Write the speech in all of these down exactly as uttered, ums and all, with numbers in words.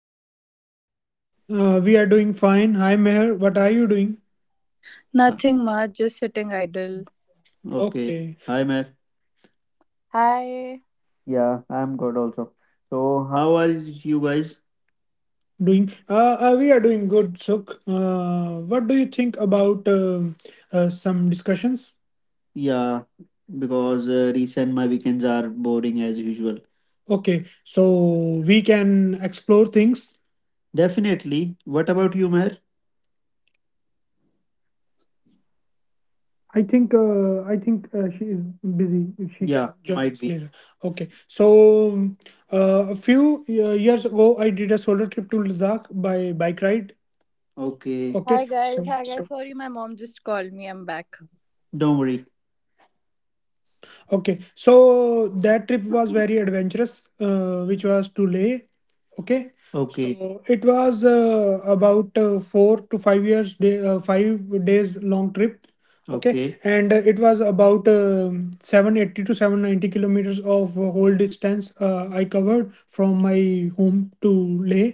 how you guys doing? we are doing fine. Hi, Meher. What are you doing? Huh. Nothing much, just sitting idle. Okay. Okay, hi, Matt. Hi. Yeah, I'm good also. So, how are you guys doing? Uh, uh, we are doing good. So, uh, what do you think about um uh, some discussions? Yeah, because uh, recent my weekends are boring as usual. Okay, so we can explore things. Definitely. What about you, Maher? I think uh, I think uh, she is busy. She. Yeah, join might be later. Okay. So uh, a few uh, years ago, I did a solo trip to Ladakh by bike ride. Okay. Okay. Hi guys, So hi guys. Sorry, my mom just called me. I'm back. don't worry. Okay. So that trip was very adventurous, uh, which was to Leh. Okay. Okay. So it was uh, about uh, four to five years, day, uh, five days long trip. Okay. Okay. And uh, it was about um seven hundred eighty to seven hundred ninety kilometers of uh, whole distance uh, I covered from my home to Leh.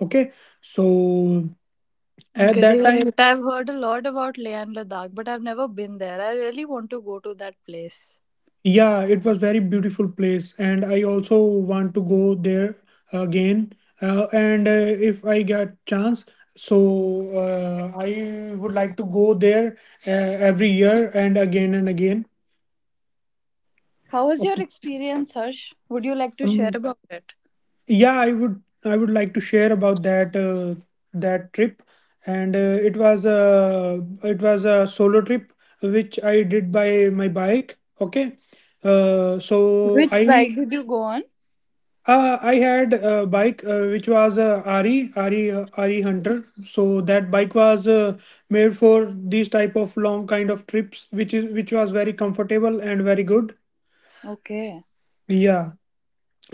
Okay. So at that Great. time, I've heard a lot about Leh and Ladakh, but I've never been there. I really want to go to that place. yeah, it was very beautiful place, and I also want to go there uh, again. Uh, and uh, if I get chance, so uh, I would like to go there uh, every year and again and again. How was your Okay. experience, Harsh? Would you like to share Um, about it? yeah, I would I would like to share about that uh, that trip, and uh, it was a it was a solo trip which I did by my bike. Okay. Uh, so Which I bike did you go on? Uh, I had a bike uh, which was a R E R E uh, R E Hunter. So that bike was uh, made for these type of long kind of trips, which is which was very comfortable and very good. Okay. Yeah,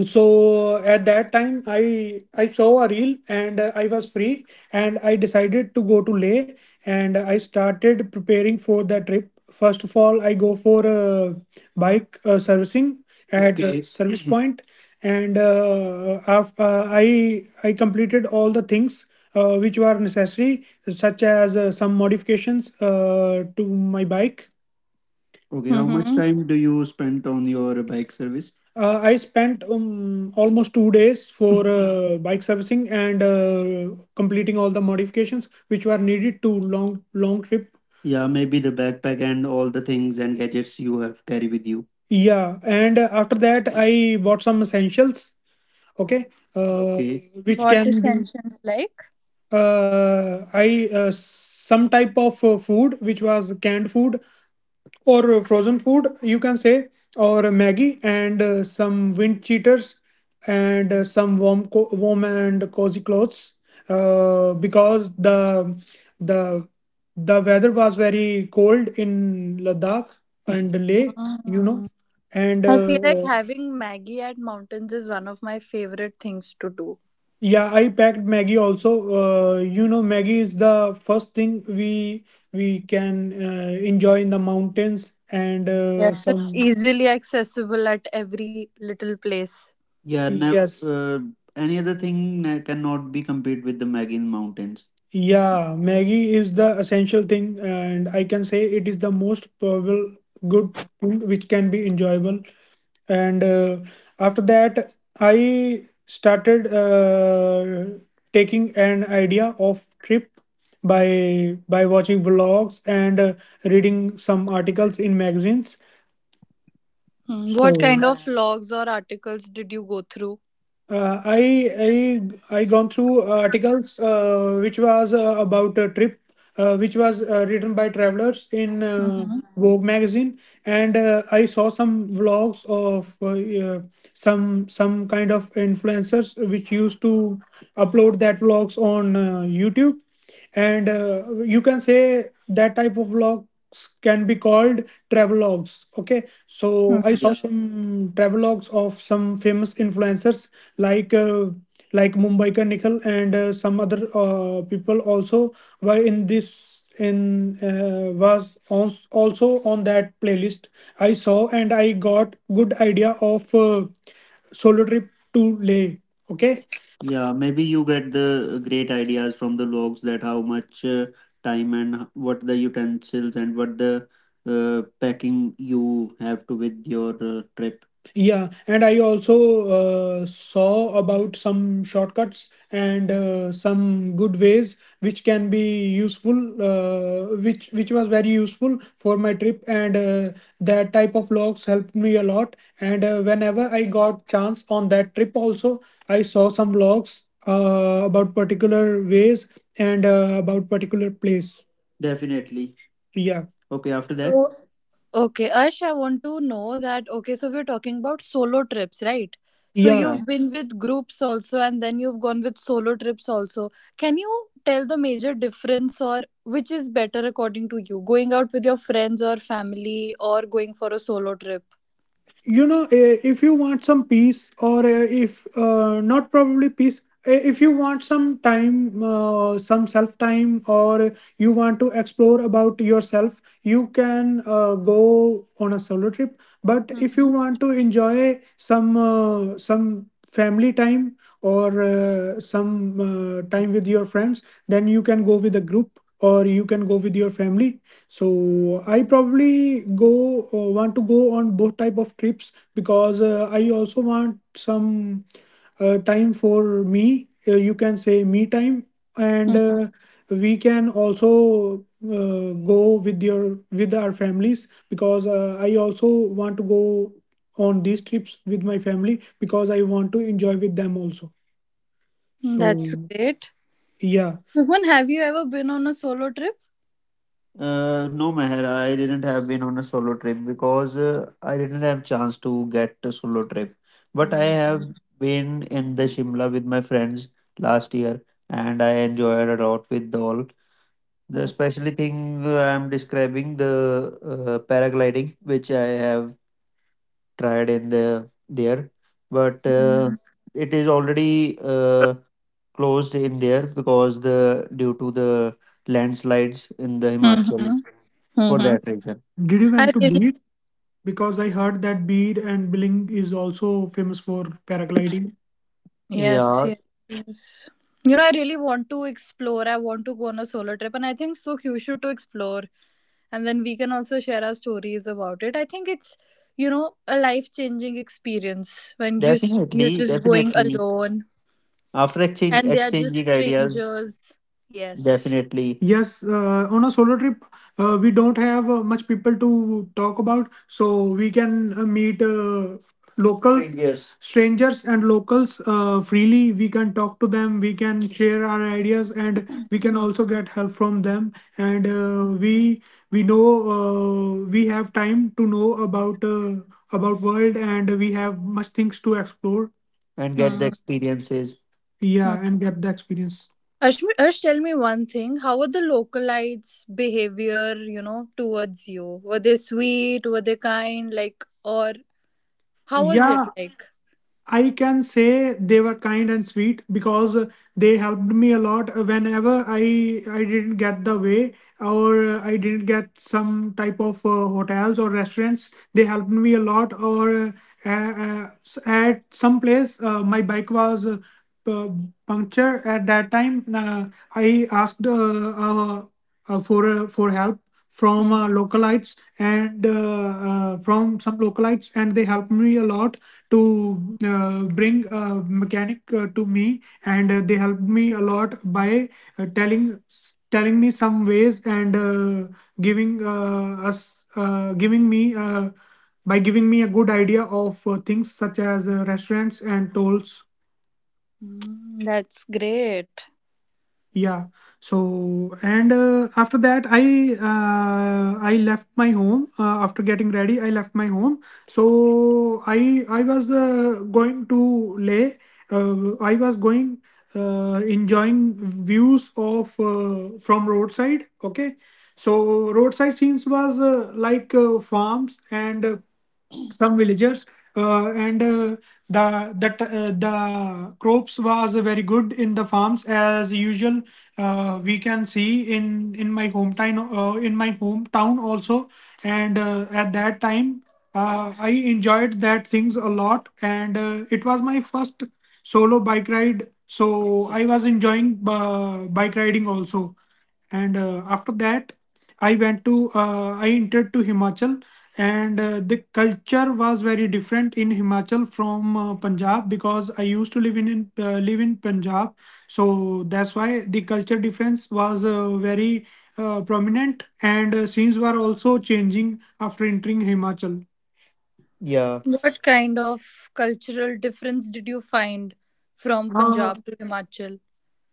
so at that time i i saw a reel, and uh, I was free, and I decided to go to Leh, and I started preparing for the trip. First of all, I go for uh, bike uh, servicing at uh, okay, service point, and uh, af- uh, i i completed all the things uh, which were necessary, such as uh, some modifications uh, to my bike. Okay, how much Mm-hmm. time do you spend on your bike service? Uh, I spent um, almost two days for uh, bike servicing and uh, completing all the modifications which were needed to long long trip. Yeah, maybe the backpack and all the things and gadgets you have carry with you. Yeah, and uh, after that I bought some essentials. Okay. uh, Okay. Which What is can be Ascension's like? uh, I uh, some type of uh, food which was canned food or uh, frozen food, you can say, or maggie, and uh, some wind cheaters, and uh, some warm co- warm and cozy clothes uh, because the the the weather was very cold in Ladakh and leh you know Mm. and I feel like uh, having Maggie at mountains is one of my favorite things to do. yeah, I packed maggie also. uh, you know Maggie is the first thing we we can uh, enjoy in the mountains, and uh, Yes, it's some. easily accessible at every little place. Yeah, now, yes. Uh, any other thing uh, cannot be compared with the Maggie in mountains. Yeah, Maggie is the essential thing, and I can say it is the most probable good thing which can be enjoyable. And uh, after that, I started uh, taking an idea of trip by by watching vlogs and uh, reading some articles in magazines. Hmm, what So kind of correct blogs or articles did you go through? Uh, I I I gone through uh, articles uh, which was uh, about a trip uh, which was uh, written by travelers in uh, Mhm. Vogue magazine, and uh, I saw some vlogs of uh, uh, some some kind of influencers which used to upload that vlogs on uh, YouTube, and uh, you can say that type of vlogs can be called travelogues. Okay, Hmm. so I saw, yeah, some travelogues of some famous influencers like uh, like Mumbai ka Nikhil, and uh, some other uh, people also were in this in uh, was on, also on that playlist. I saw, and I got good idea of uh, solo trip to Leh. Okay. Yeah, maybe you get the great ideas from the logs that how much uh, time and h- what the utensils and what the uh, packing you have to with your uh, trip. Yeah, and I also uh, saw about some shortcuts and uh, some good ways which can be useful, uh, which which was very useful for my trip, and uh, that type of logs helped me a lot. And uh, whenever I got chance on that trip, also I saw some vlogs uh, about particular ways and uh, about particular place. Definitely. Yeah, okay, after that? So, okay, Arsh, I want to know that. Okay, so we're talking about solo trips, right? So, Yeah. you've, Yeah. yeah, been with groups also, and then you've gone with solo trips also. Can you tell the major difference, or which is better according to you? Going out with your friends or family, or going for a solo trip? You know eh, if you want some peace, or eh, if uh, not probably peace, eh, if you want some time, uh, some self time, or you want to explore about yourself, you can uh, go on a solo trip. But if you Mhm. want to enjoy some uh, some family time, or uh, some uh, time with your friends, then you can go with a group, or you can go with your family. So I probably go uh, want to go on both type of trips, because uh, I also want some uh, time for me, uh, you can say me time. And Mhm. uh, we can also uh, go with your with our families, because uh, I also want to go on these trips with my family, because I want to enjoy with them also. That's So, great. yeah. Sukman, have you ever been on a solo trip? Uh, no, Meher, I didn't have been on a solo trip because uh, I didn't have chance to get a solo trip. But I Mm, have been in the Shimla with my friends last year, and I enjoyed a lot with all. The okay. especially thing uh, I'm describing the uh, paragliding, which I have tried in the there, but uh, it is already uh, closed in there because the due to the landslides in the Himachal Mm-hmm. for Mm-hmm. that reason. Did you I went to really, Bead? Because I heard that Bead and Billing is also famous for paragliding. yes, yes, Yeah, yes. You know, I really want to explore. I want to go on a solo trip, and I think so. You should, to explore, and then we can also share our stories about it. I think it's, you know a life changing experience when you s- you're definitely, just going definitely. alone, After exchange, and they are just exchanging ideas, strangers. Yes. definitely. Yes, uh, on a solo trip, uh, we don't have uh, much people to talk about, so we can uh, meet uh, locals, strangers. Strangers and locals uh, freely. We can talk to them, we can share our ideas, and we can also get help from them. And uh, Mm-hmm. we we know uh, we have time to know about uh, about world, and we have much things to explore. And get the Mm-hmm. experiences. Yeah, and get the experience. Ashmi, Ash, tell me one thing. How were the localites' behavior, you know, towards you? Were they sweet? Were they kind? Like, or how was it Yeah, like? I can say they were kind and sweet because they helped me a lot whenever I I didn't get the way, or I didn't get some type of uh, hotels or restaurants. They helped me a lot. Or uh, uh, uh, at some place, uh, my bike was uh, pu- punctured at that time. Uh, I asked uh, uh, uh, for uh, for help from Mhm. uh, localites, and uh, uh, from some localites, and they helped me a lot to uh, bring a mechanic uh, to me, and uh, they helped me a lot by uh, telling telling me some ways, and uh, giving uh, us uh, giving me uh, by giving me a good idea of uh, things such as uh, restaurants and tolls. Mm, that's great. Yeah. So, and uh, after that i uh, i left my home uh, after getting ready, I left my home. So i i was uh, going to Lay. uh, I was going uh, enjoying views of uh, from roadside. Okay, so roadside scenes was uh, like uh, farms and uh, some villagers, uh, and uh, the the t- uh, the crops was very good in the farms as usual, uh, we can see in in my hometown, uh, in my hometown also. And uh, at that time uh, I enjoyed that things a lot. And uh, it was my first solo bike ride, so I was enjoying uh, bike riding also. And uh, after that I went to uh, I entered to Himachal. And uh, the culture was very different in Himachal from uh, Punjab, because I used to live in in, uh, live in Punjab. So that's why the culture difference was uh, very uh, prominent, and uh, scenes were also changing after entering Himachal. Yeah. What kind of cultural difference did you find from uh, Punjab to Himachal?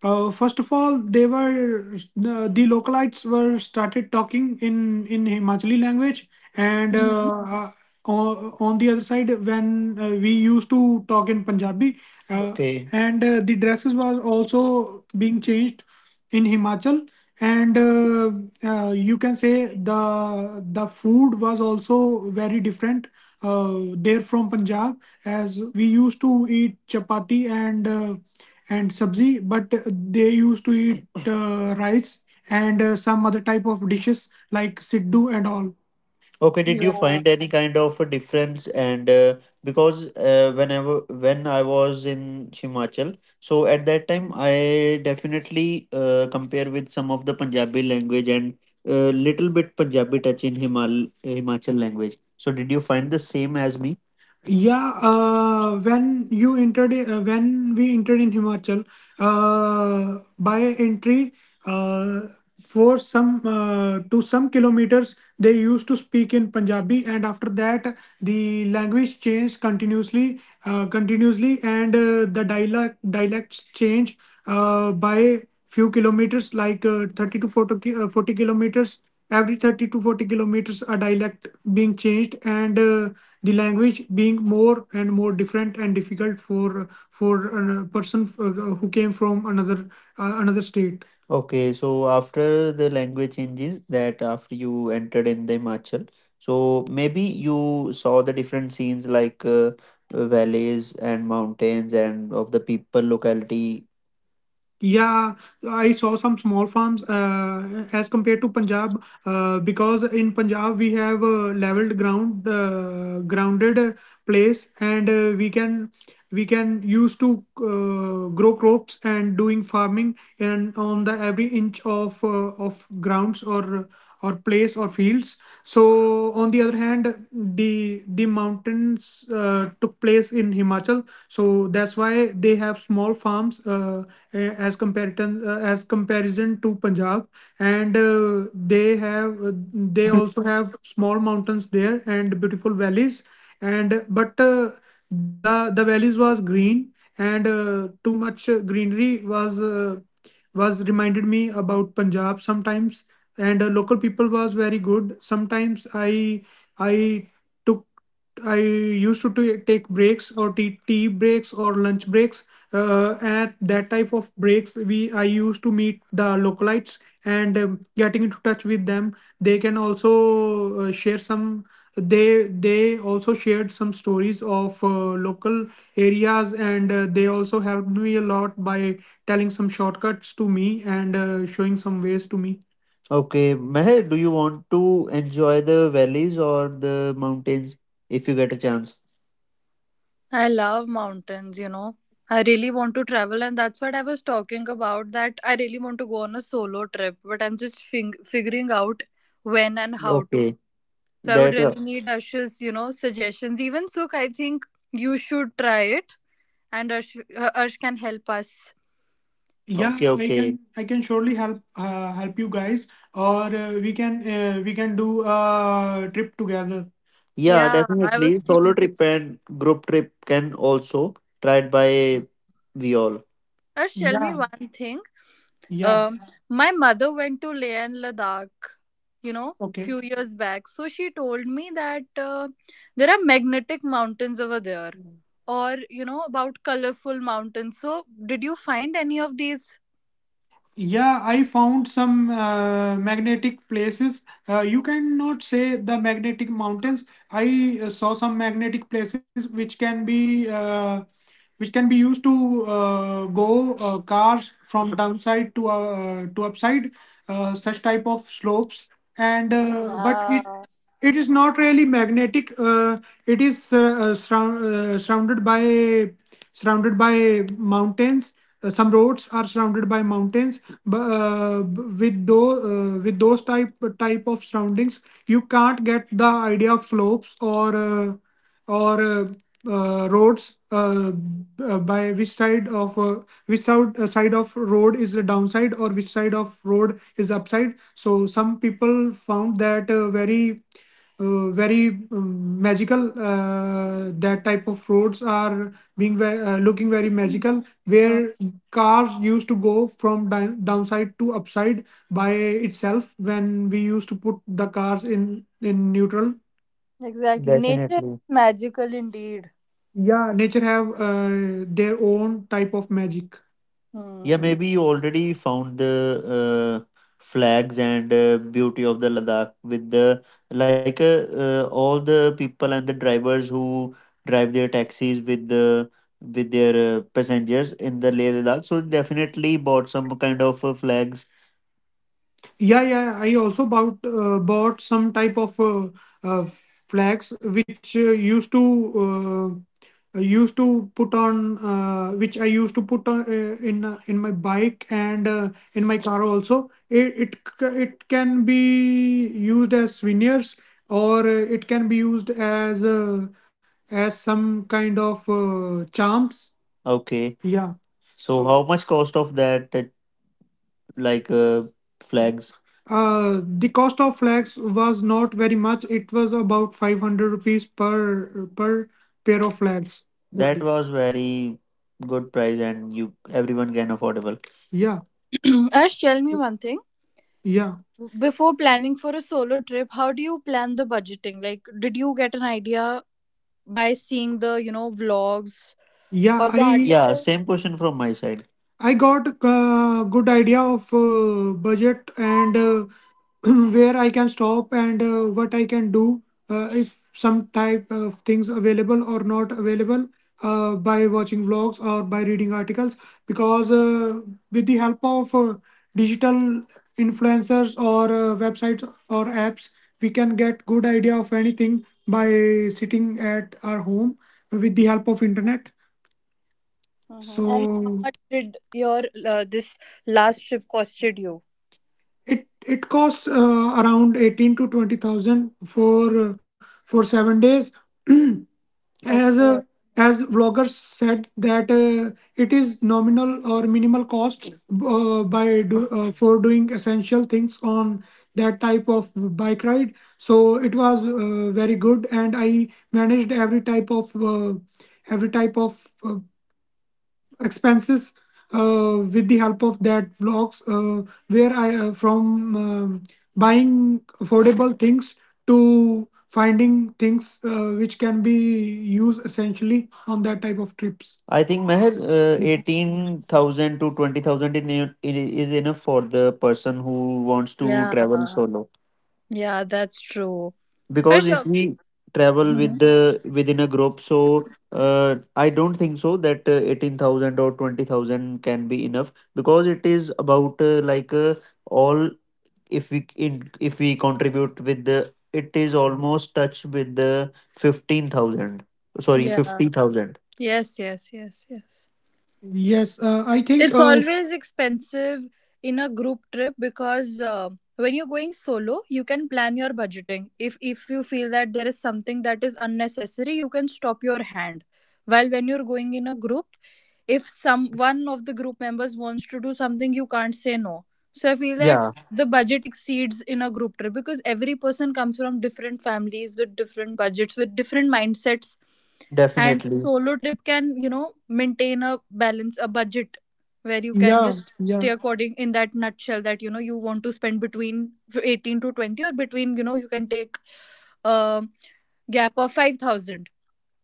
Uh, first of all, they were the, the localites were started talking in in Himachali language, and uh, uh, on, on the other side, when uh, we used to talk in Punjabi, uh, okay. And uh, the dresses was also being changed in Himachal, and uh, uh, you can say the the food was also very different uh, there from Punjab, as we used to eat chapati and. Uh, and sabzi, but they used to eat uh, rice and uh, some other type of dishes like siddu and all. Okay, did you Yeah. find any kind of a difference? And uh, because uh, whenever when I was in Himachal, so at that time I definitely uh, compare with some of the Punjabi language, and uh, little bit Punjabi touch in Himal Himachal language. So did you find the same as me? Yeah, uh, when you entered, uh, when we entered in Himachal, uh, by entry, uh, for some uh, to some kilometers they used to speak in Punjabi, and after that, the language changed continuously, uh, continuously, and uh, the dialect dialects change uh, by few kilometers, like uh, thirty to forty, ki- uh, forty kilometers. Every thirty to forty kilometers, a dialect being changed, and uh, the language being more and more different and difficult for for a person uh, who came from another uh, another state. Okay, so after the language changes that after you entered in the Himachal, so maybe you saw the different scenes like uh, valleys and mountains and of the people locality, yeah, I saw some small farms uh, as compared to Punjab uh, because in Punjab we have a leveled ground, uh, grounded uh, place, and uh, we can we can use to uh, grow crops and doing farming and on the every inch of uh, of grounds or or place or fields. So on the other hand, the the mountains uh, took place in Himachal, so that's why they have small farms. Uh, uh, as comparison uh, as comparison to Punjab, and uh, they have uh, they also have small mountains there and beautiful valleys, and uh, but uh, the the valleys was green and uh, too much uh, greenery was uh, was reminded me about Punjab sometimes, and uh, local people was very good. Sometimes I I took I used to ta- take breaks or tea, tea breaks or lunch breaks. Uh, at that type of breaks we I used to meet the localites and um, getting into touch with them. They can also uh, share some, they they also shared some stories of uh, local areas and uh, they also helped me a lot by telling some shortcuts to me and uh, showing some ways to me. Okay, Meher, do you want to enjoy the valleys or the mountains if you get a chance? I love mountains, you know. I really want to travel, and that's what I was talking about. That I really want to go on a solo trip, but I'm just fing- figuring out when and how to. Okay, So I would that really need Arsh's, you know, suggestions. Even Sukh, I think you should try it, and Arsh, uh, Arsh can help us. Yeah, Okay, I okay. can I can surely help uh, help you guys, or uh, we can uh, we can do a trip together. Yeah, Yeah, I was definitely. Solo thinking. trip and group trip can also tried by we all. Arsh, tell Yeah, me one thing. yeah, Um, my mother went to Leh and Ladakh, you know, okay. few years back. So she told me that uh, there are magnetic mountains over there, or you know, about colorful mountains. So did you find any of these? Yeah, I found some uh, magnetic places. Uh, you cannot say the magnetic mountains. I uh, saw some magnetic places which can be uh, which can be used to uh, go uh, cars from downside to uh, to upside, uh, such type of slopes. And uh, but it Yeah. it is not really magnetic. Uh, it is uh, uh, surround, uh, surrounded by surrounded by mountains. Uh, some roads are surrounded by mountains, but uh, b- with those uh, with those type type of surroundings, you can't get the idea of slopes or Uh, or uh, uh, roads, uh, b- uh, by which side of uh, which side, uh, side of road is the downside or which side of road is upside. So some people found that uh, very uh, very um, magical, uh, that type of roads are being ve- uh, looking very magical Mm, where cars used to go from di- downside to upside by itself when we used to put the cars in in neutral. exactly. Nature is Definitely. magical indeed. Yeah, nature have uh, their own type of magic. Yeah, Hmm. maybe you already found the uh, flags and uh, beauty of the Ladakh with the, like, uh, uh, all the people and the drivers who drive their taxis with the with their uh, passengers in the Leh Ladakh. So definitely bought some kind of uh, flags, yeah, yeah. I also bought uh, bought some type of uh, uh, flags which uh, used to uh, used to put on uh, which I used to put on uh, in uh, in my bike and uh, in my car also. It it c- it can be used as souvenirs, or uh, it can be used as uh, as some kind of uh, charms. Okay. Yeah. So So how much cost of that, like, uh, flags? Uh, the cost of flags was not very much. It was about five hundred rupees per per pair of flags. That was very good price and you everyone can affordable. Yeah, Ash, tell me one thing. yeah. Before planning for a solo trip, how do you plan the budgeting? Like, did you get an idea by seeing the, you know, vlogs Yeah, or I the Yeah, same articles? question from my side. I got a good idea of uh, budget and uh, where I can stop and uh, what I can do uh, if some type of things available or not available uh, by watching vlogs or by reading articles, because uh, with the help of uh, digital influencers or uh, websites or apps we can get good idea of anything by sitting at our home with the help of internet. Hmm. And how So much did your uh, this last trip costed you? it it costs uh, around eighteen to twenty thousand for uh, for seven days as uh, Okay. as vloggers said that uh, it is nominal or minimal cost uh, by do, uh, for doing essential things on that type of bike ride. So it was uh, very good and I managed every type of uh, every type of uh, expenses uh, with the help of that vlogs, uh, where i uh, from um buying affordable things to finding things uh, which can be used essentially on that type of trips. I think, Meher, uh, eighteen thousand to twenty thousand in, in, is enough for the person who wants to travel Yeah. solo, Yeah, that's true. because Ash, if uh, we travel with mhm, the within a group, so uh, I don't think so that uh, eighteen thousand or twenty thousand can be enough, because it is about uh, like, uh, all if we in if we contribute with the it is almost touch with the fifteen thousand, sorry, yeah. fifty thousand. Yes, yes, yes, yes. Yes, uh, I think. It's Uh, always expensive in a group trip, because uh, when you're going solo, you can plan your budgeting. If if you feel that there is something that is unnecessary, you can stop your hand. While when you're going in a group, if some one of the group members wants to do something, you can't say no. So I feel that Yeah, the budget exceeds in a group trip, because every person comes from different families with different budgets, with different mindsets, and definitely, solo trip can, you know maintain a balance, a budget, where you can yeah, just stay yeah. according in that nutshell, that you know you want to spend between eighteen to twenty, or between, you know you can take a gap of five thousand,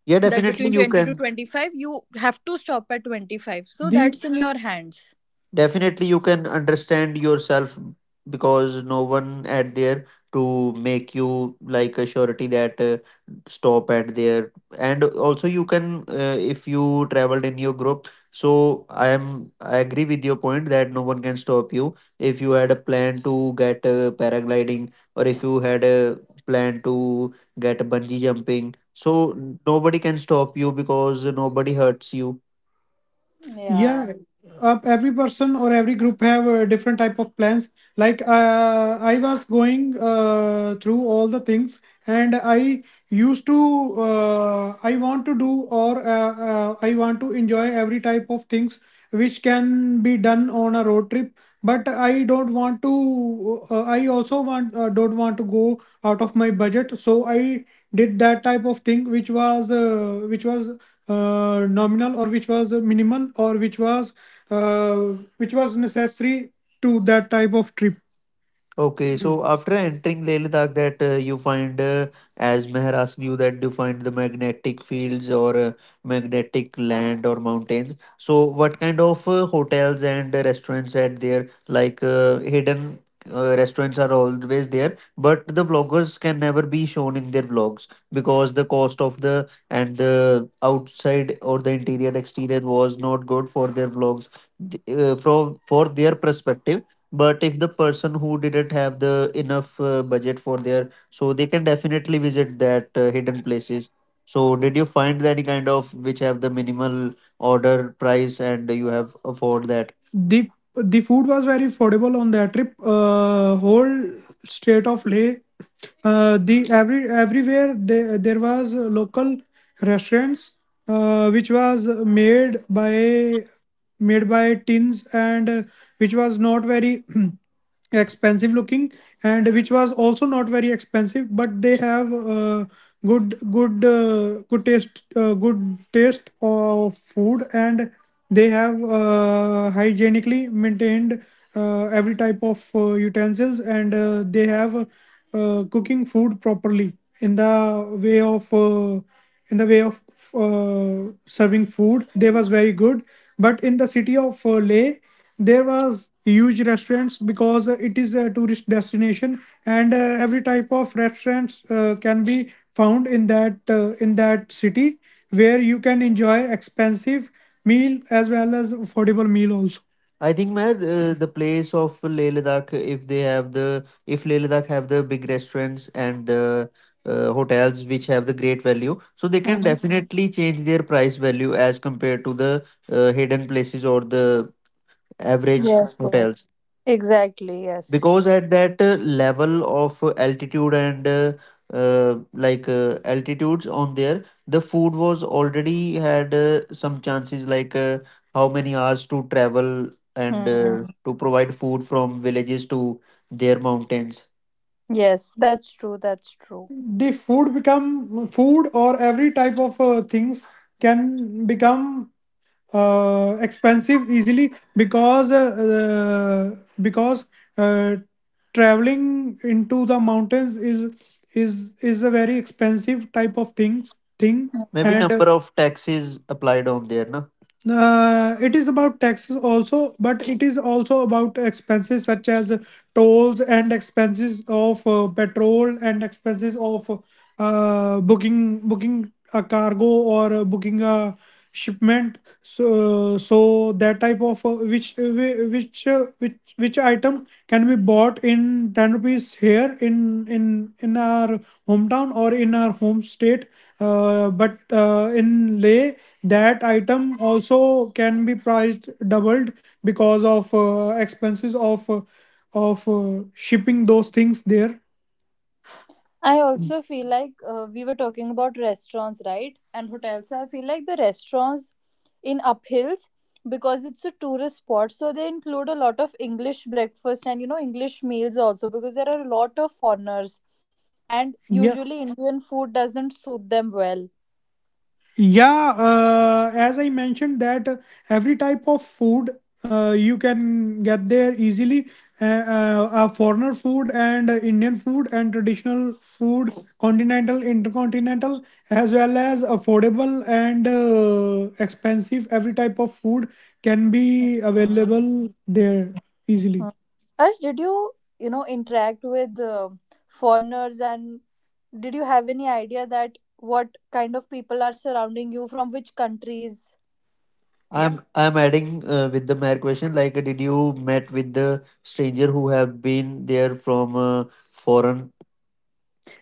Yeah, that definitely between you twenty to can, twenty-five you have to stop at twenty-five, so The that's in your hands. definitely you can understand yourself, because no one at there to make you like a surety that uh, stop at there. And also you can, uh, if you traveled in your group, so i am i agree with your point that no one can stop you if you had a plan to get uh, paragliding or if you had a plan to get bungee jumping, so nobody can stop you because nobody hurts you, Yeah. yeah. Uh, every person or every group have a different type of plans, like uh, I was going uh, through all the things and i used to uh, I want to do or uh, uh, I want to enjoy every type of things which can be done on a road trip, but I don't want to, uh, I also want, uh, don't want to go out of my budget, so I did that type of thing which was uh, which was uh, nominal or which was minimal or which was uh, which was necessary to that type of trip. Okay, so after entering Leh Ladakh, that uh, you find, uh, as Meher asked you, that you find the magnetic fields or uh, magnetic land or mountains. So what kind of uh, hotels and uh, restaurants are there? Like, uh, hidden uh, restaurants are always there, but the vloggers can never be shown in their vlogs because the cost of the and the outside or the interior exterior was not good for their vlogs. Th- Uh, from for their perspective, but if the person who didn't have the enough uh, budget for their, so they can definitely visit that uh, hidden places. So did you find any kind of which have the minimal order price and you have afford that the the food was very affordable on that trip? Uh, whole state of Leh, uh, the every everywhere there, there was local restaurants uh, which was made by made by tins and uh, which was not very expensive looking and which was also not very expensive, but they have uh, good good uh, good taste uh, good taste of food, and they have uh, hygienically maintained uh, every type of uh, utensils, and uh, they have uh, cooking food properly in the way of uh, in the way of uh, serving food. They was very good, but in the city of uh, Leh, there was huge restaurants because uh, it is a tourist destination, and uh, every type of restaurants uh, can be found in that uh, in that city where you can enjoy expensive meal as well as affordable meal also. I think man, uh, the place of Leh Ladakh, if they have the if Leh Ladakh have the big restaurants and the uh, hotels which have the great value, so they can Mhm. definitely change their price value as compared to the uh, hidden places or the average Yes, yes. hotels Exactly, yes. because at that uh, level of uh, altitude and uh, uh, like uh, altitudes on there, the food was already had uh, some chances, like uh, how many hours to travel and uh, Mhm. to provide food from villages to their mountains, Yes, that's true, that's true. the food become food or every type of uh, things can become uh, expensive easily because uh, uh, because uh, traveling into the mountains is is is a very expensive type of things thing, maybe, and uh, Mhm. number of taxes applied on there, na? Uh, it is about taxes also, but it is also about expenses such as tolls and expenses of uh, petrol and expenses of uh, booking, booking a cargo, or uh, booking a shipment, so so that type of uh, which uh, whi- which uh, which which item can be bought in ten rupees here in in in our hometown or in our home state, uh, but uh, in leh that item also can be priced doubled because of uh, expenses of uh, of uh, shipping those things there. I also feel like, uh, we were talking about restaurants, right? And hotels. So, I feel like the restaurants in uphills, because it's a tourist spot, so they include a lot of English breakfast and you know English meals also, because there are a lot of foreigners and Yeah. usually Indian food doesn't suit them well. Yeah, uh, as I mentioned that uh, every type of food uh, you can get there easily. Uh, uh, uh, foreigner food and uh, Indian food and traditional food, continental, intercontinental, as well as affordable and uh, expensive. Every type of food can be Mm. available there easily. Mm. Ash, did you you know interact with uh, foreigners, and did you have any idea that what kind of people are surrounding you, from which countries? I'm I'm adding uh, with the mere question, like, uh, did you met with the stranger who have been there from uh, foreign?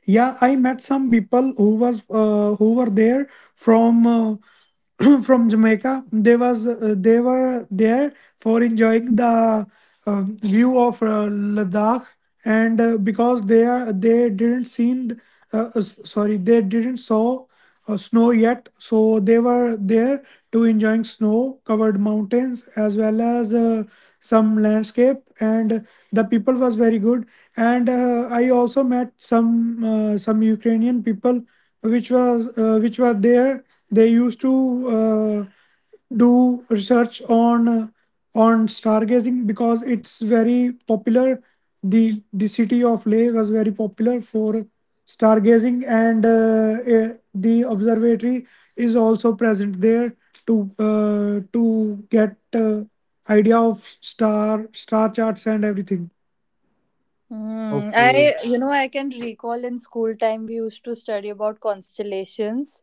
Yeah, I met some people who was uh, who were there from uh, from Jamaica. They was uh, they were there for enjoying the uh, view of uh, Ladakh, and uh, because they are they didn't seen uh, uh, sorry they didn't saw uh, snow yet, so they were there to enjoying snow-covered mountains as well as uh, some landscape. And the people was very good. And uh, I also met some uh, some Ukrainian people, which was uh, which were there. They used to uh, do research on uh, on stargazing because it's very popular. the The city of Leh was very popular for stargazing, and uh, uh, the observatory is also present there to uh, to get uh, idea of star star charts and everything. Mm, Okay. I, you know, I can recall in school time we used to study about constellations,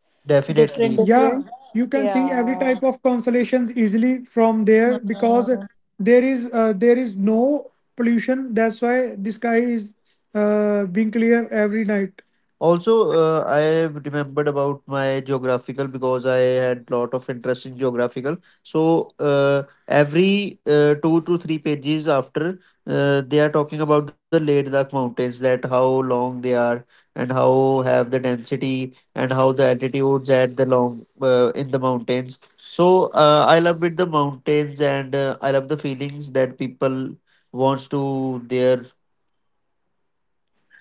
different, Definitely. Yeah, different. you can see every Yeah. type of constellations easily from there because Mm, there is uh, there is no pollution. That's why the sky is uh, being clear every night. Also, uh, I remembered about my geographical because I had lot of interest in geographical. So uh, every uh, two to three pages after, uh, they are talking about the Leh Ladakh mountains, that how long they are and how have the density and how the altitudes at the long uh, in the mountains. So uh, I love it the mountains and uh, I love the feelings that people wants to there.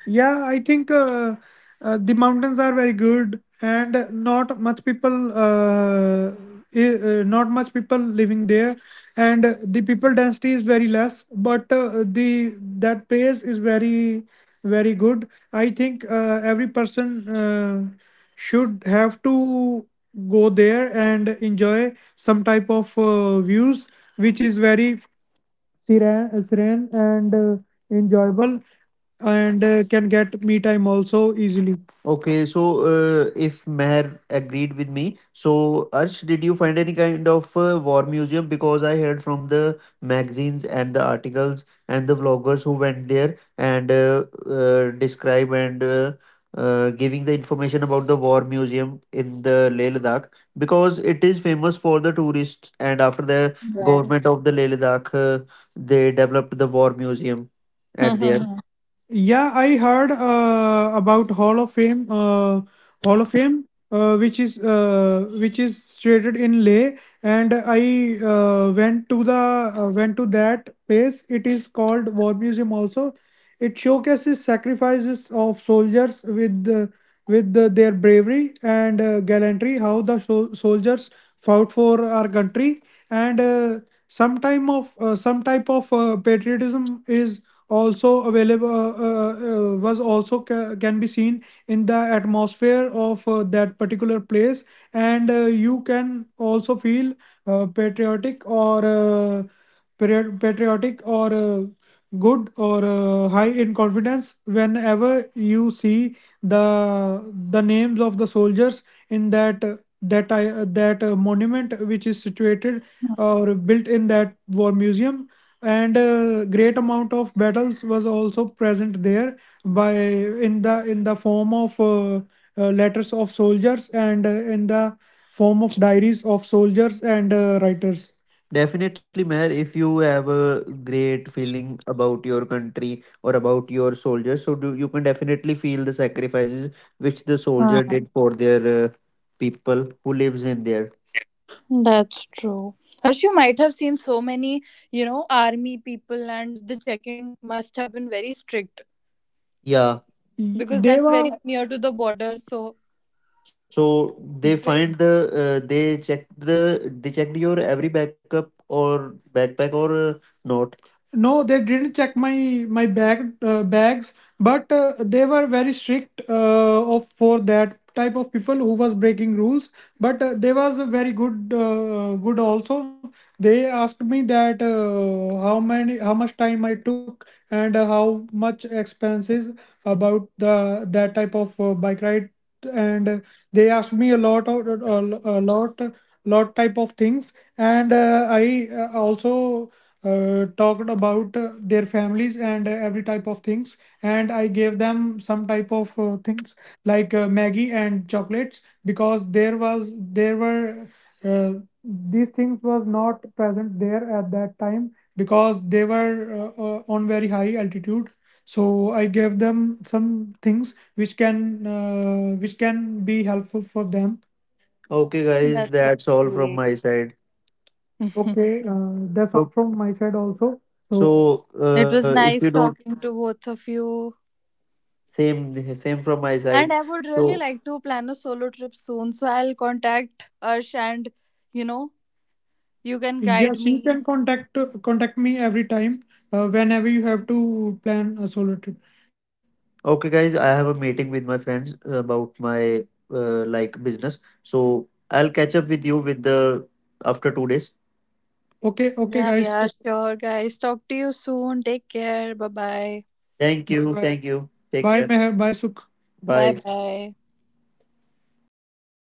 Yeah, I think uh, uh, the mountains are very good, and not much people, uh, i- uh, not much people living there, and the people density is very less. But uh, the that place is very, very good. I think uh, every person uh, should have to go there and enjoy some type of uh, views, which is very serene, serene and uh, enjoyable and uh, can get me time also easily. Okay, so uh, if Meher agreed with me, so Arsh, did you find any kind of uh, war museum? Because I heard from the magazines and the articles and the vloggers who went there and uh, uh, describe and uh, uh, giving the information about the war museum in the Leh Ladakh because it is famous for the tourists, and after the yes. government of the Leh Ladakh, uh, they developed the war museum at there. Yeah, I heard uh, about Hall of Fame, uh, Hall of Fame, uh, which is uh, which is situated in Leh, and I uh, went to the uh, went to that place. It is called War Museum. Also, it showcases sacrifices of soldiers with the, with the, their bravery and uh, gallantry. How the sol- soldiers fought for our country, and uh, some time of uh, some type of uh, patriotism is also available uh, uh, uh, was also ca- can be seen in the atmosphere of uh, that particular place, and uh, you can also feel uh, patriotic or uh, patri- patriotic or uh, good or uh, high in confidence whenever you see the the names of the soldiers in that uh, that I, that uh, monument, which is situated or built in that war museum, and uh, great amount of battles was also present there by in the in the form of uh, uh, letters of soldiers and uh, in the form of diaries of soldiers and uh, writers. Definitely, Meher, if you have a great feeling about your country or about your soldiers, so do, you can definitely feel the sacrifices which the soldier did for their uh, people who lives in there. That's true. Harsh, you might have seen so many, you know, army people, and the check-in must have been very strict, Yeah, Y- because they that's were very near to the border. So So they Right. find the uh, they checked the They checked your every backup or backpack or uh, not. No, they didn't check my my bag uh, bags, but uh, they were very strict uh, of for that type of people who was breaking rules. But uh, they was a very good uh, good also. They asked me that uh, how many how much time I took and uh, how much expenses about the that type of uh, bike ride, and they asked me a lot of a, lot lot type of things, and uh, I uh, also uh, talked about uh, their families and uh, every type of things, and I gave them some type of uh, things like uh, Maggie and chocolates because there was there were. Uh, these things was not present there at that time because they were uh, uh, on very high altitude, so I gave them some things which can uh, which can be helpful for them. Okay, that's guys, so that's all sweet. from my side. Okay, uh, that's all So, from my side also. So so It uh, was if you nice don't, talking to both of you. same same from my side. And I would So really like to plan a solo trip soon. So I'll contact Arsh and, you know, you can guide yes, you me. can contact contact me every time uh, whenever you have to plan a solo trip. Okay, guys, I have a meeting with my friends about my uh, like, business. So I'll catch up with you with the after two days. Okay, okay, Yeah, guys. yeah, sure, guys. Talk to you soon. Take care. Bye bye. Thank you. Bye. Thank you. Take Bye, care. Meher. Bye, Sukh. Bye Bye. bye.